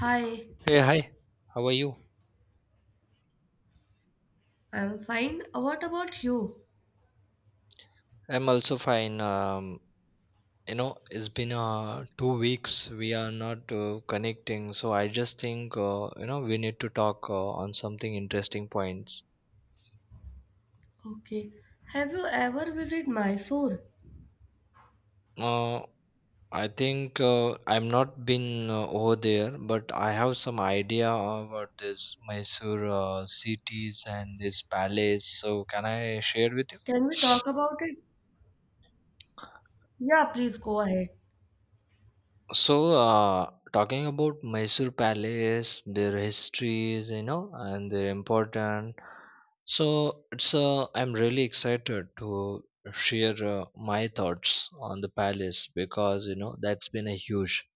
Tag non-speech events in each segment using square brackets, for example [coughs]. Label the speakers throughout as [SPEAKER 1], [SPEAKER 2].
[SPEAKER 1] Hi,
[SPEAKER 2] Hey, hi. How are you?
[SPEAKER 1] I'm fine. What about you?
[SPEAKER 2] I'm also fine. It's been 2 weeks we are not connecting, so I just think we need to talk on something interesting points.
[SPEAKER 1] Okay. Have you ever visited Mysore?
[SPEAKER 2] Uh, I think I'm not been over there, but I have some idea about this Mysore cities and this palace. So can I share with you?
[SPEAKER 1] Can we talk about it? Yeah, please go ahead.
[SPEAKER 2] So, talking about Mysore Palace, their histories, and their important. So, it's I'm really excited to share my thoughts on the palace because that's been a huge.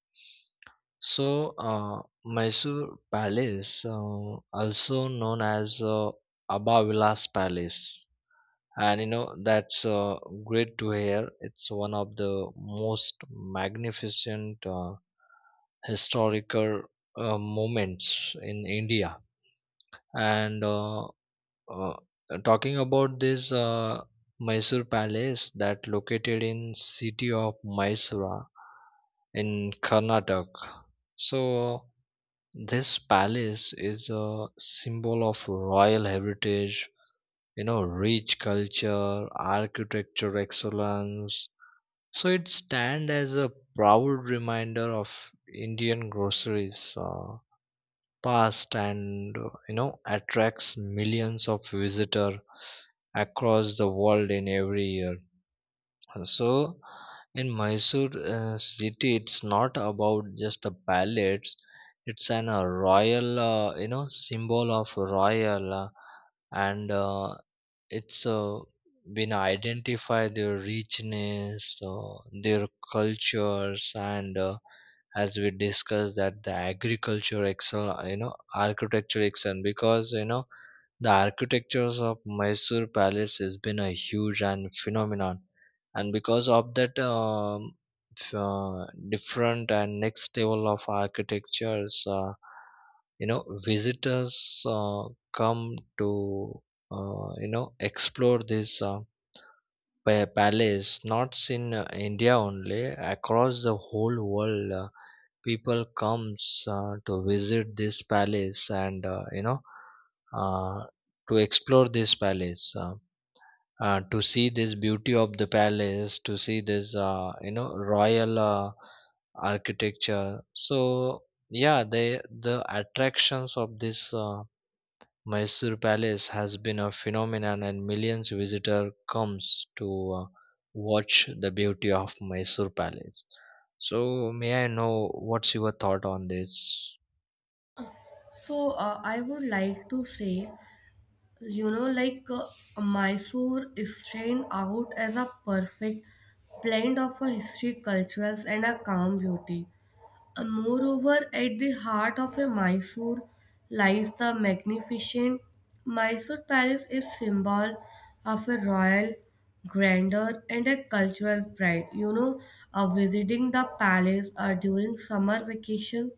[SPEAKER 2] So, Mysore Palace, also known as Abha Vilas Palace, and that's great to hear it's one of the most magnificent historical moments in India. And uh, talking about this Mysore Palace that located in city of Mysore in Karnataka. So this palace is a symbol of royal heritage, rich culture, architecture excellence, so it stands as a proud reminder of Indian groceries past and attracts millions of visitor across the world in every year. So in Mysore city, it's not about just the palates. It's an royal, symbol of royal and it's been identify their richness, their cultures and as we discussed that the agriculture excel, architecture excel because the architectures of Mysore palace has been a huge and phenomenon. And because of that different and next level of architectures, visitors come to explore this palace, not in India only, across the whole world. People comes to visit this palace and uh, to explore this palace, to see this beauty of the palace, to see this royal architecture. So yeah, the attractions of this Mysore Palace has been a phenomenon, and millions visitor comes to watch the beauty of Mysore Palace. So may I know what's your thought on this?
[SPEAKER 1] So, I would like to say, like Mysore is stand out as a perfect blend of a history, cultures, and a calm beauty. And moreover, at the heart of a Mysore lies the magnificent Mysore Palace is symbol of a royal grandeur and a cultural pride. Visiting the palace during summer vacation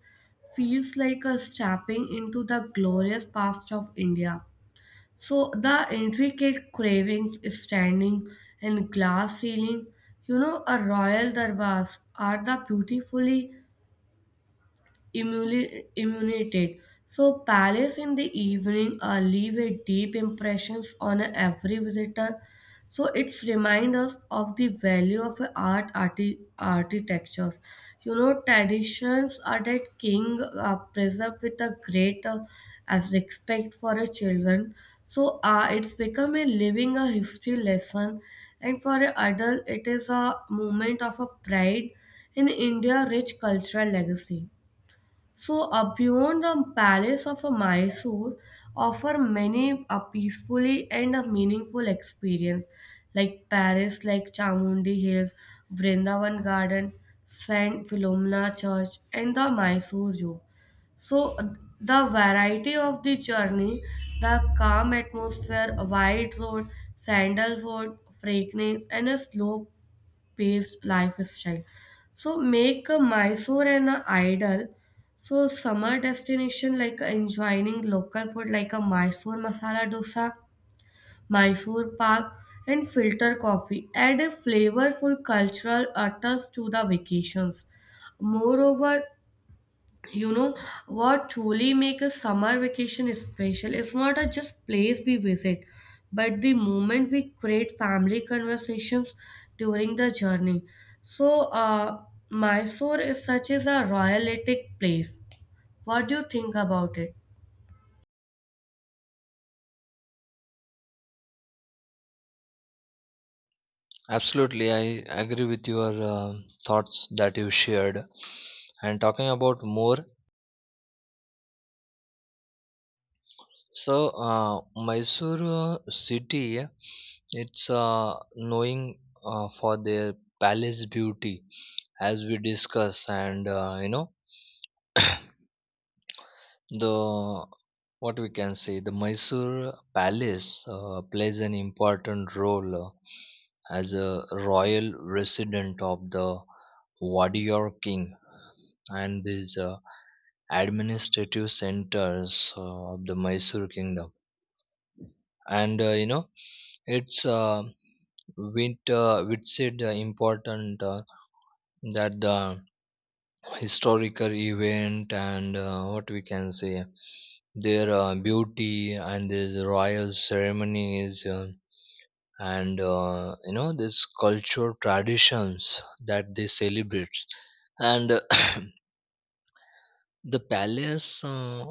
[SPEAKER 1] feels like a stepping into the glorious past of India. So the intricate cravings standing and glass ceiling, a royal darbars are the beautifully immunitated. So palace in the evening leave a deep impressions on every visitor. So it's remind us of the value of art, architectures. Traditions are that king preserved with a great as respect for a children. So it's become a living a history lesson, and for a adult, it is a moment of a pride in India rich cultural legacy. So, beyond the palace of a Mysore, offer many a peacefully and a meaningful experience, like Paris, like Chamundi Hills, Vrindavan Garden, Saint Philomena Church, and the Mysore Zoo. So, the variety of the journey, the calm atmosphere, wide road, sandalwood, fragrance, and a slow paced lifestyle. So make a Mysore an idol. So summer destination like enjoying local food like a Mysore masala dosa, Mysore pak, and filter coffee add a flavorful cultural utterance to the vacations. Moreover, you know what truly make a summer vacation special is not a just place we visit but the moment we create family conversations during the journey. So Mysore is such as a royalistic place. What do you think about it?
[SPEAKER 2] Absolutely, I agree with your thoughts that you shared. And talking about more, so Mysore city, it's knowing for their palace beauty, as we discuss. And you know. The what we can say the Mysore palace plays an important role as a royal resident of the warrior king, and these administrative centers of the Mysore kingdom. And it's with said important that the historical event. And what we can say their beauty and these royal ceremonies, and this cultural traditions that they celebrate, and [coughs] [clears throat] the palace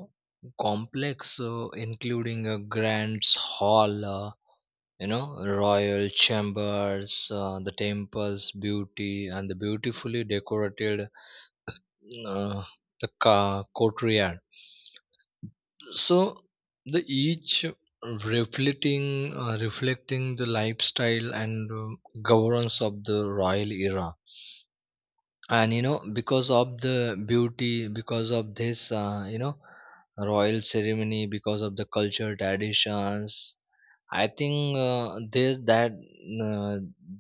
[SPEAKER 2] complex, including a grand hall, you know royal chambers, the temple's beauty, and the beautifully decorated uh, courtyard. So the each reflecting, reflecting the lifestyle and governance of the royal era. And because of the beauty, because of this royal ceremony, because of the culture traditions, I think this that uh,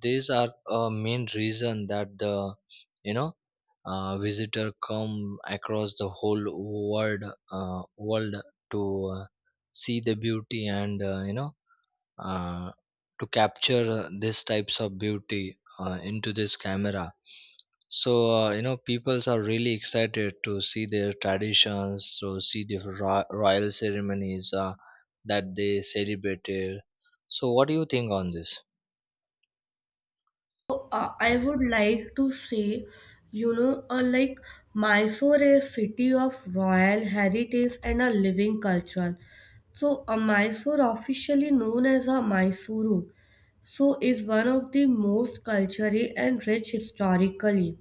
[SPEAKER 2] these are a main reason that the you know visitor come across the whole world world, to see the beauty and uh, to capture these types of beauty into this camera. So peoples are really excited to see their traditions, to see the royal ceremonies that they celebrated. So what do you think on this?
[SPEAKER 1] I would like to say, like Mysore is city of royal heritage and a living culture. So, Mysore, officially known as a Mysuru, so is one of the most culturally and rich historically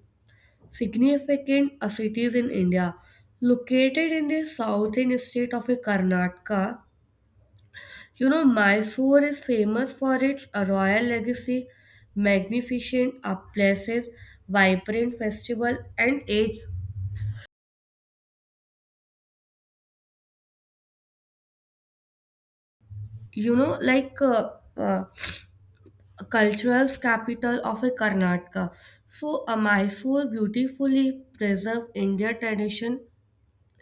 [SPEAKER 1] significant cities in India. Located in the southern state of Karnataka, Mysore is famous for its royal legacy, magnificent places, vibrant festival, and age. You know, like uh, uh, cultural capital of a Karnataka. So, Mysore beautifully preserve Indian tradition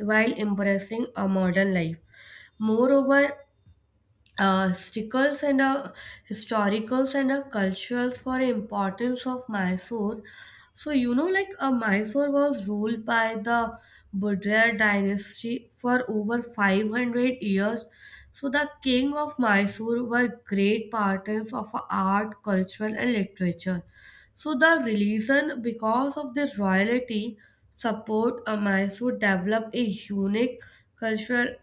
[SPEAKER 1] while embracing a modern life. Moreover, uh, historicals and uh, historicals and culturals for importance of Mysore. So like Mysore was ruled by the Budraya dynasty for over 500 years. So the king of Mysore were great patrons of art, cultural, and literature. So the religion, because of their royalty, support Mysore developed a unique cultural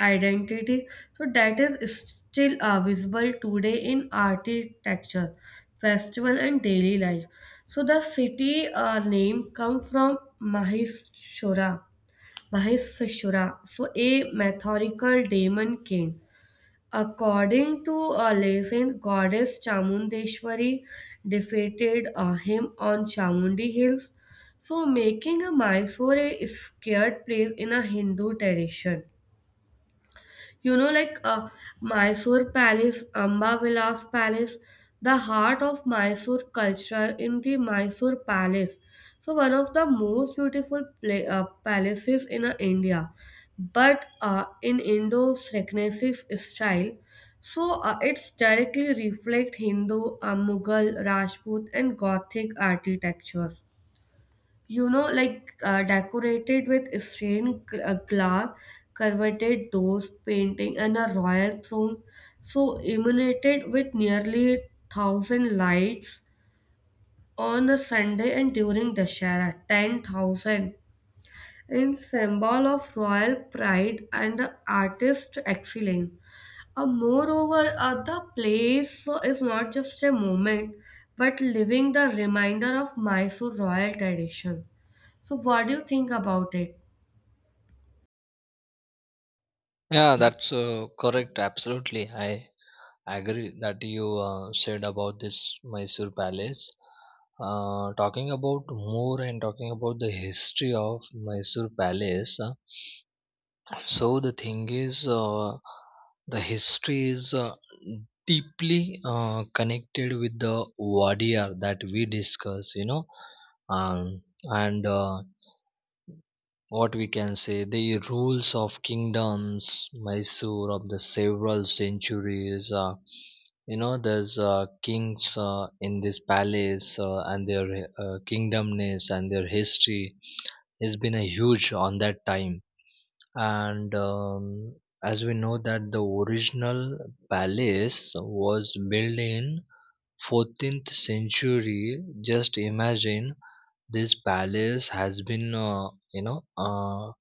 [SPEAKER 1] identity. So that is still visible today in architecture, festival, and daily life. So the city name come from Mahishura, Mahishasura, so a metaphorical demon king. According to a legend, goddess Chamundeshwari defeated him on Chamundi Hills, so making a Mysore a scared place in a Hindu tradition. You know, like uh, Mysore Palace, Amba Vilas Palace, the heart of Mysore culture in the Mysore Palace. So, one of the most beautiful palaces in India, but in Indo Renaissance style. So, it's directly reflect Hindu, Mughal, Rajput, and Gothic architectures. Decorated with stained glass, curvated doors, painting, and a royal throne. So illuminated with nearly 1,000 lights on a Sunday and during Dashera, 10,000 in symbol of royal pride and the artist excellence. Moreover, the place is not just a moment, but living the reminder of Mysore royal tradition. So, what do you think about it?
[SPEAKER 2] Yeah, that's correct. Absolutely, I agree that you said about this Mysore Palace. Talking about more and talking about the history of Mysore Palace. So the thing is, the history is deeply connected with the Wadiyar that we discuss. You know, um, and What we can say the rules of kingdoms Mysore of the several centuries, there's kings in this palace, and their kingdomness and their history has been a huge on that time. And as we know that the original palace was built in 14th century. Just imagine, this palace has been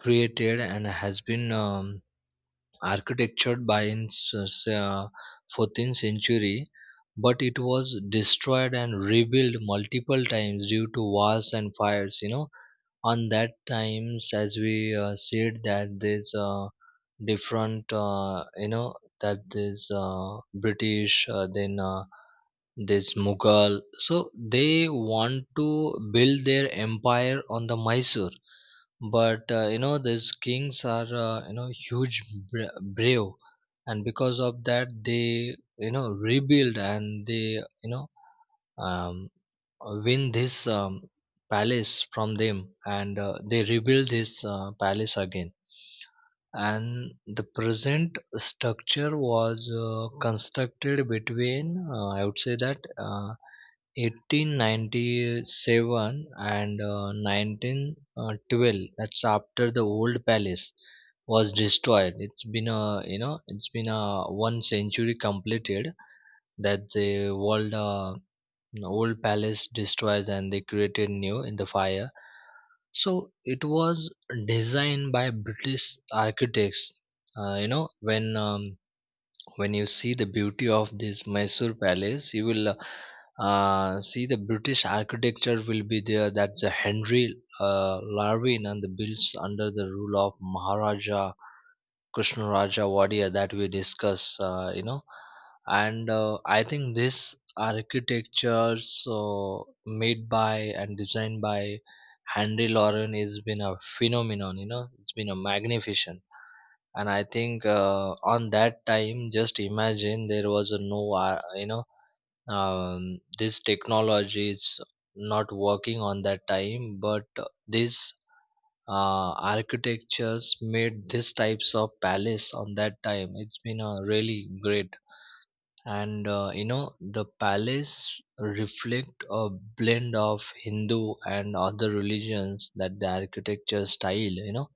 [SPEAKER 2] created and has been architectured by in 14th century, but it was destroyed and rebuilt multiple times due to wars and fires. On that times, as we said, that there's different, that there's British, then this Mughal. So they want to build their empire on the Mysore, but these kings are huge, brave. And because of that they rebuild, and they um, win this palace from them, and they rebuild this palace again. And the present structure was constructed between, I would say that 1897 and 1912. That's after the old palace was destroyed. It's been a one century completed, that the world an old palace destroyed and they created new in the fire. So it was designed by British architects. uh, you know when um, when you see the beauty of this Mysore palace, you will see the British architecture will be there. That's a Henry Larvin, and the builds under the rule of Maharaja Krishnaraja Wadia that we discuss. And I think this architectures made by and designed by Henry Lauren has been a phenomenon, it's been a magnificent. And I think on that time, just imagine there was a no, this technology is not working on that time, but this architectures made these types of palace on that time. It's been really great. And the palace reflect a blend of Hindu and other religions, that the architecture style, you know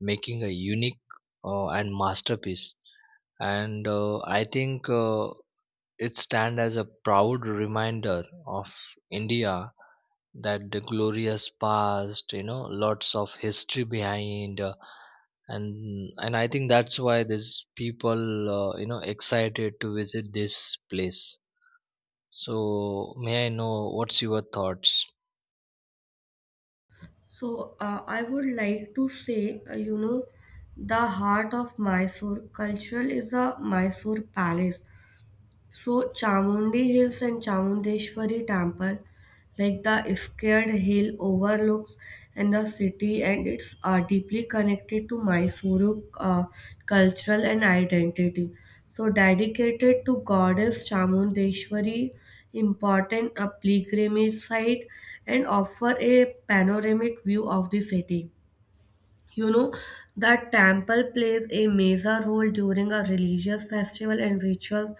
[SPEAKER 2] making a unique and masterpiece. And I think it stand as a proud reminder of India, that the glorious past, lots of history behind, and I think that's why these people excited to visit this place. So may I know what's your thoughts?
[SPEAKER 1] So, I would like to say, the heart of Mysore cultural is the Mysore Palace. So Chamundi Hills and Chamundeshwari Temple, like the scared hill overlooks and the city and it's deeply connected to Mysuru cultural and identity. So dedicated to goddess Chamundeshwari, important a pilgrimage site and offer a panoramic view of the city. You know that temple plays a major role during a religious festival and rituals.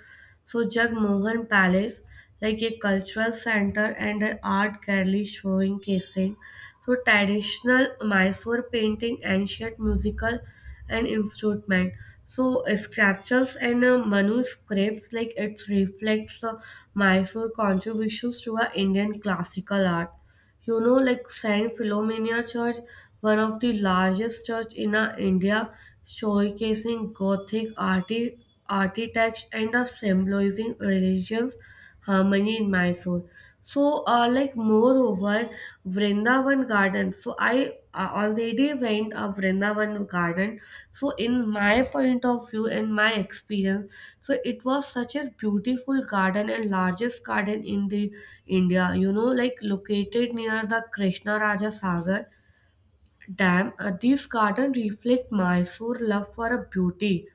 [SPEAKER 1] So Jagmohan Palace, like a cultural center and an art gallery showing, casing so traditional Mysore painting, ancient musical and instrument. So sculptures and manuscripts like it reflects Mysore contributions to our Indian classical art. Like Saint Philomena Church, one of the largest church in India, showcasing Gothic arti architects and symbolizing religions harmony in Mysore. So like moreover Vrindavan Garden. So I already went a Vrindavan Garden. So in my point of view, in my experience, so it was such a beautiful garden and largest garden in the India. You know, like located near the Krishna Raja Sagar dam. These gardens reflect Mysore love for a beauty,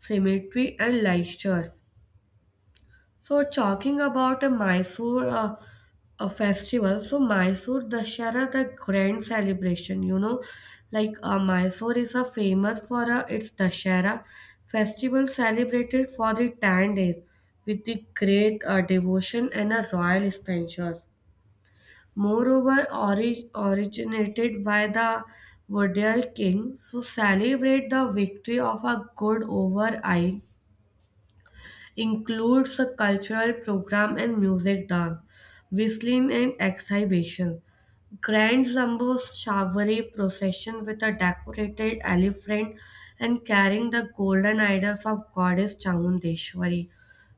[SPEAKER 1] symmetry, and luster. So talking about a Mysore a festival, so Mysore Dashara, the grand celebration, Mysore is a famous for its Dashara festival celebrated for the 10 days with the great devotion and a royal expenses. Moreover, originated by the Vodiyar king, so celebrate the victory of a good over ill includes a cultural program and music dance, whistling and exhibition. Grand Zambo Shavari procession with a decorated elephant and carrying the golden idols of goddess Chamundeshwari.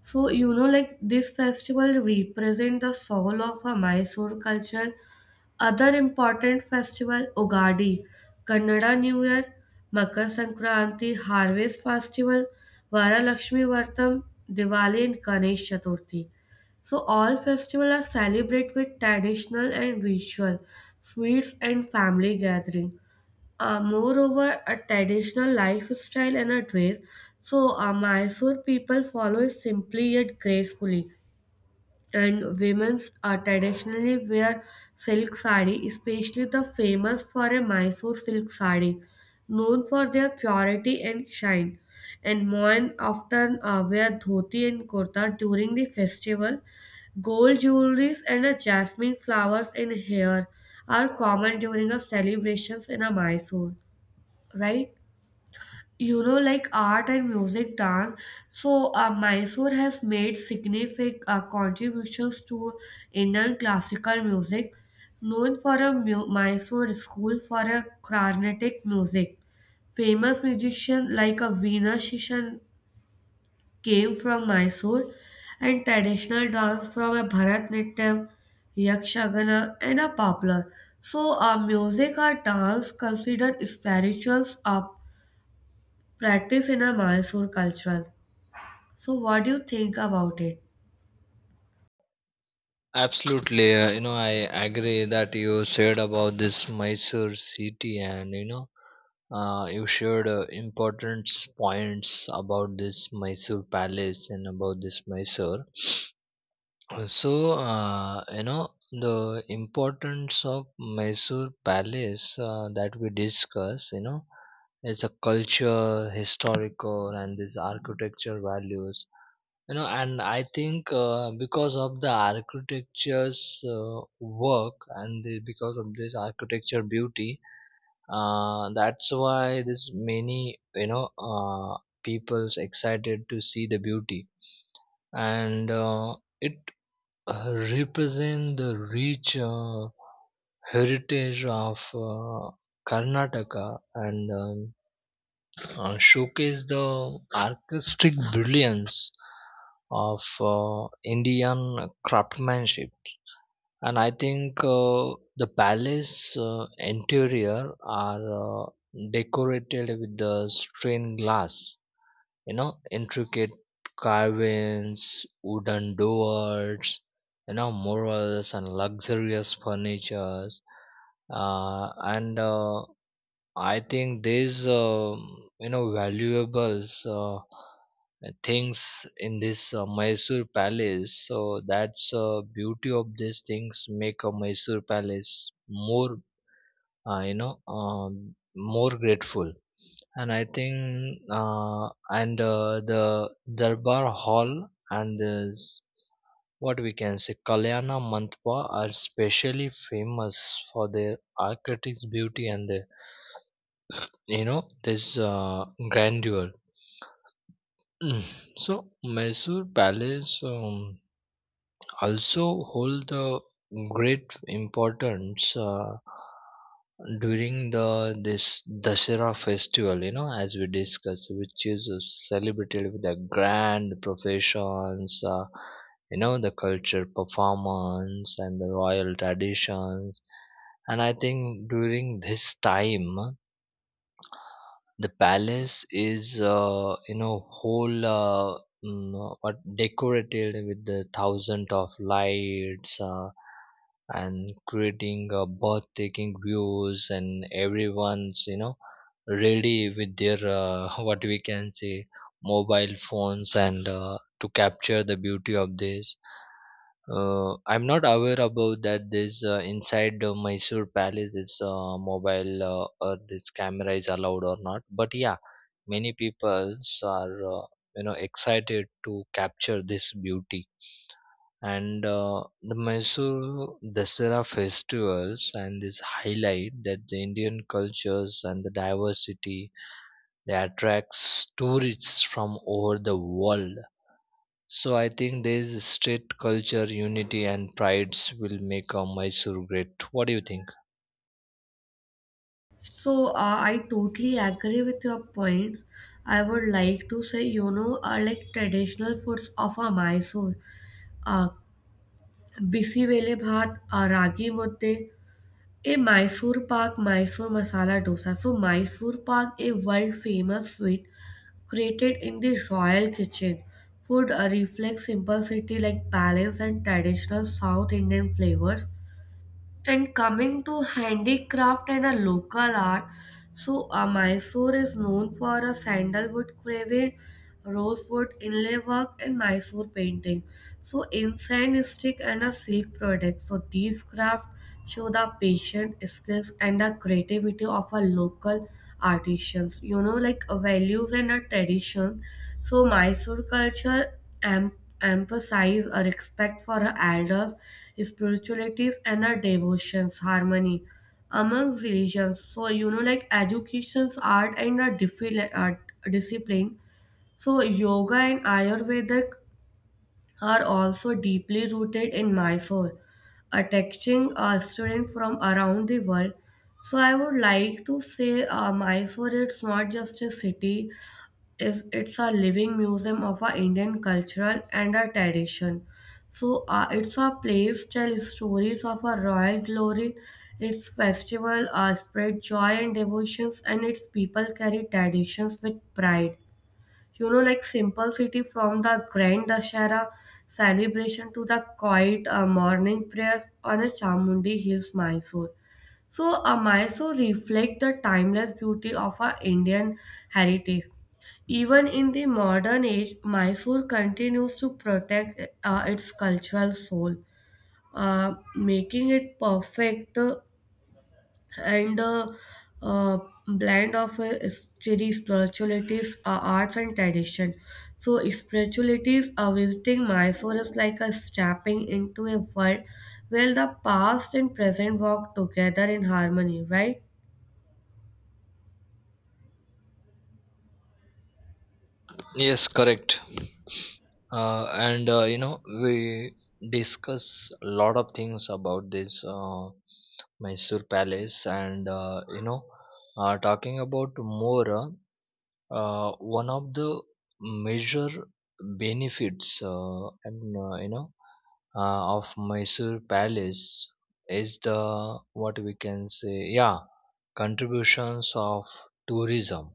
[SPEAKER 1] So like this festival represents the soul of a Mysore culture. Other important festival Ugadi, Kannada New Year, Makar Sankranti, Harvest Festival, Varalakshmi Vartam, Diwali and Ganesh Chaturthi. So all festivals are celebrated with traditional and ritual, sweets and family gathering. Moreover, a traditional lifestyle and a dress. So Mysore people follow it simply yet gracefully and women traditionally wear silk sari, especially the famous for a Mysore silk sari, known for their purity and shine. And Mohan often wear dhoti and kurta during the festival. Gold jewelries and jasmine flowers in hair are common during the celebrations in Mysore, right? Like art and music dance. So Mysore has made significant contributions to Indian classical music, known for a Mysore school for a Carnatic music. Famous musicians like a Veena Shishan came from Mysore, and traditional dance from a Bharatnatyam, Yakshagana and a popular. So, music or dance considered spirituals practice in a Mysore cultural. So, what do you think about it?
[SPEAKER 2] Absolutely. I agree that you said about this Mysore city, and you shared important points about this Mysore palace and about this Mysore. So, the importance of Mysore Palace that we discuss, it's a culture, historical, and these architecture values. And I think because of the architecture's work, and because of this architecture beauty, that's why this many, people's excited to see the beauty. And it represent the rich heritage of Karnataka, and showcase the artistic brilliance of Indian craftsmanship. And I think the palace interior are decorated with the stained glass, intricate carvings, wooden doors, murals, and luxurious furnitures. Uh, and I think these valuables things in this Mysore palace. So that's beauty of these things make a Mysore palace more, more grateful. And I think and the Darbar Hall and this what we can say Kalyana Mandapa are specially famous for their architect's beauty and their, this grandeur. [clears throat] So Mysore Palace, also hold the great importance during the this Dasara festival, as we discussed, which is celebrated with a grand professions, the culture performance and the royal traditions. And I think during this time the palace is, whole, what decorated with the thousand of lights, and creating breathtaking views, and everyone's, ready with their [laughs] what we can say mobile phones, and to capture the beauty of this. I'm not aware about that. This inside Mysore Palace, this mobile or this camera is allowed or not. But yeah, many people are excited to capture this beauty. And the Mysore Dasara festivals and this highlight that the Indian cultures and the diversity, they attracts tourists from over the world. So I think there is state culture, unity, and prides will make Mysore great. What do you think?
[SPEAKER 1] So, I totally agree with your point. I would like to say, like traditional foods of a Mysore, uh, bisi vele bhat, ragi mudde, a Mysore pak, Mysore masala dosa. So, Mysore pak, a world famous sweet created in the royal kitchen. Food reflects simplicity like balance and traditional South Indian flavors. And coming to handicraft and a local art, so Mysore is known for a sandalwood carving, rosewood inlay work, and Mysore painting. So incense stick and a silk product. So these crafts show the patient skills and the creativity of a local artisans. Values and a tradition. So Mysore culture emphasize a respect for her elders, spiritualities, and her devotions, harmony among religions. So, like education's art and a discipline. So, yoga and Ayurvedic are also deeply rooted in Mysore, attracting students from around the world. So, I would like to say Mysore, it's not just a city, is it's a living museum of our Indian cultural and our tradition. So it's a place tell stories of our royal glory, its festival, spread joy and devotions, and its people carry traditions with pride. Like simple city from the grand Dashara celebration to the quiet morning prayers on a Chamundi Hills Mysore. So Mysore reflects the timeless beauty of our Indian heritage. Even in the modern age Mysore continues to protect its cultural soul, making it perfect and a, uh, blend of steady spiritualities, arts, and tradition. So, spiritualities are visiting Mysore is like a stepping into a world where the past and present walk together in harmony, right?
[SPEAKER 2] Yes, correct. And you know We discuss a lot of things about this Mysore Palace, and talking about more. One of the major benefits and you know of Mysore Palace is the what we can say, yeah, contributions of tourism,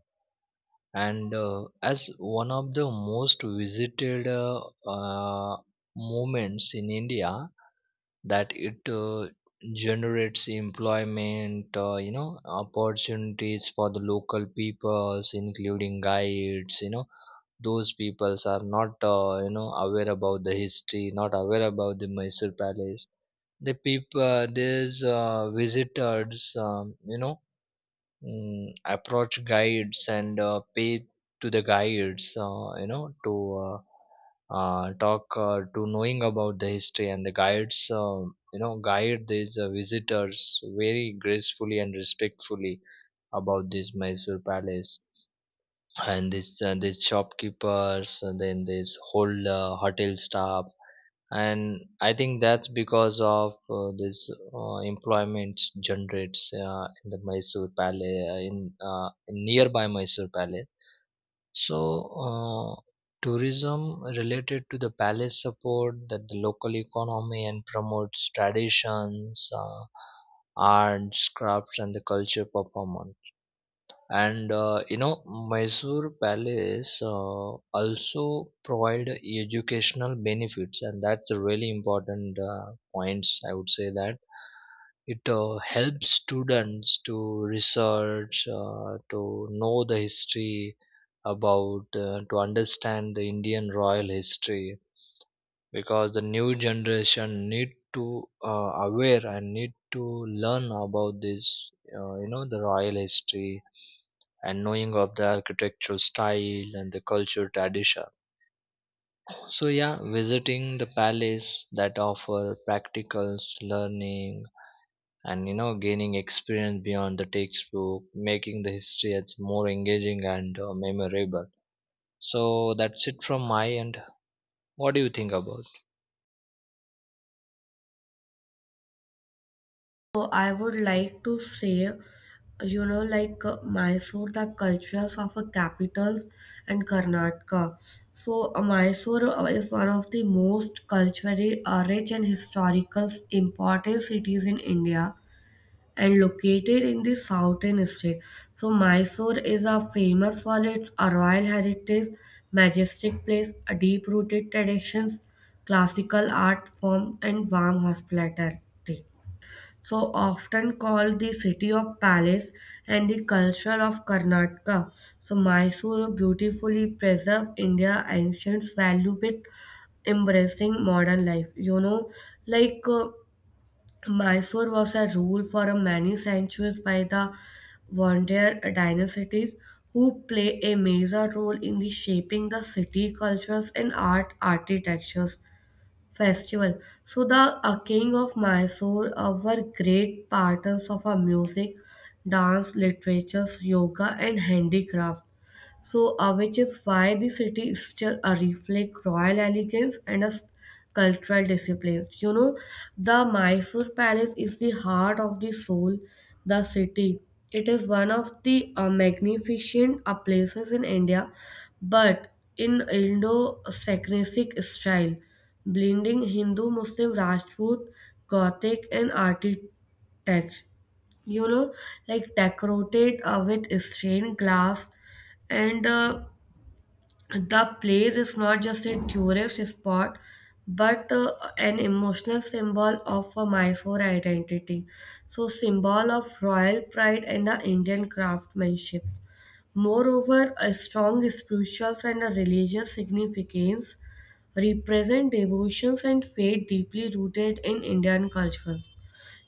[SPEAKER 2] and as one of the most visited uh, moments in India, that it generates employment opportunities for the local peoples, including guides. Those peoples are not aware about the history, not aware about the Mysore palace. These visitors, approach guides and pay to the guides, you know to uh, talk to knowing about the history, and the guides, guide these visitors very gracefully and respectfully about this Mysore palace, and this this shopkeepers, and then this whole hotel staff. And I think that's because of this employment generates in the Mysore palace, in nearby Mysore palace. So uh, tourism related to the palace support that the local economy and promotes traditions, arts, crafts, and the culture performance. And Mysore Palace also provide educational benefits, and that's a really important points, I would say, that it helps students to research, to know the history, about to understand the Indian royal history. Because the new generation need to aware and need to learn about this, the royal history, and knowing of the architectural style and the cultural tradition. So yeah, visiting the palace that offer practicals learning, and gaining experience beyond the textbook, making the history as more engaging and memorable. So that's it from my end. What do you think about?
[SPEAKER 1] So I would like to say, Mysore, the cultures of a capitals and Karnataka. So Mysore is one of the most culturally rich and historical important cities in India and located in the southern state. So Mysore is a famous for its royal heritage, majestic place, a deep-rooted traditions, classical art form, and warm hospitality, so often called the city of palace and the culture of Karnataka. So Mysore beautifully preserved India ancient value with embracing modern life. Like uh, Mysore was a rule for a many centuries by the Vandya dynasties who play a major role in the shaping the city cultures and art architectures festival. So the king of Mysore were great patrons of our music, dance, literature, yoga, and handicraft. So, which is why the city is still a reflect royal elegance and a cultural discipline. The Mysore Palace is the heart of the soul, the city. It is one of the magnificent places in India, but in Indo-Saracenic style, blending Hindu, Muslim, Rajput, Gothic, and architecture. you know like decorated with stained glass, and the place is not just a tourist spot but an emotional symbol of a Mysore identity, so symbol of royal pride and the Indian craftsmanship. Moreover a strong spiritual and a religious significance represent devotions and faith deeply rooted in Indian culture.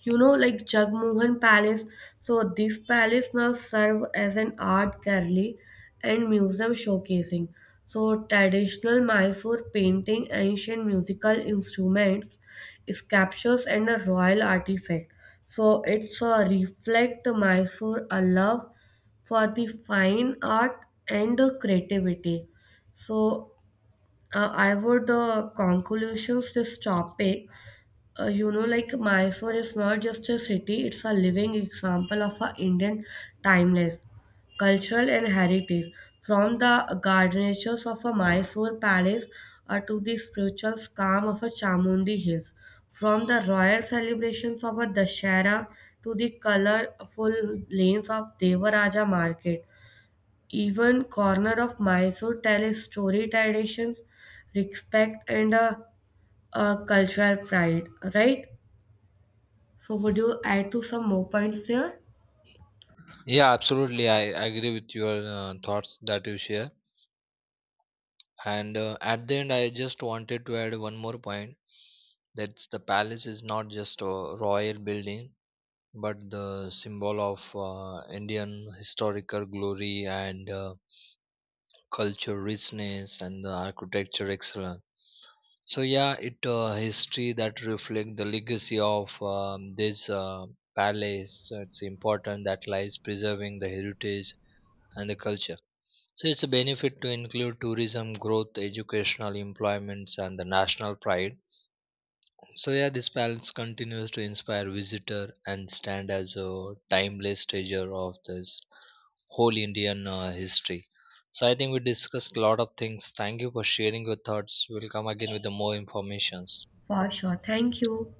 [SPEAKER 1] Like Jagmohan Palace. So this palace now serve as an art gallery and museum showcasing. So traditional Mysore painting, ancient musical instruments, sculptures, and a royal artifact. So it's a reflect Mysore a love for the fine art and the creativity. So I would conclusions this topic. Like Mysore is not just a city, it's a living example of a Indian timeless cultural and heritage. From the garnishes of a Mysore palace to the spiritual calm of a Chamundi Hills, from the royal celebrations of a Dashera to the colorful lanes of Devaraja Market, even corner of Mysore tell a story traditions, respect and a cultural pride, right? So, would you add to some more points there?
[SPEAKER 2] Yeah, absolutely. I agree with your thoughts that you share. And at the end, I just wanted to add one more point. That the palace is not just a royal building, but the symbol of Indian historical glory and culture richness and the architecture excellence. So yeah, it history that reflect the legacy of this palace. It's important that lies preserving the heritage and the culture. So it's a benefit to include tourism, growth, educational employments, and the national pride. So yeah, this palace continues to inspire visitor and stand as a timeless treasure of this whole Indian history. So I think we discussed a lot of things. Thank you for sharing your thoughts. We'll come again with the more informations.
[SPEAKER 1] For sure. Thank you.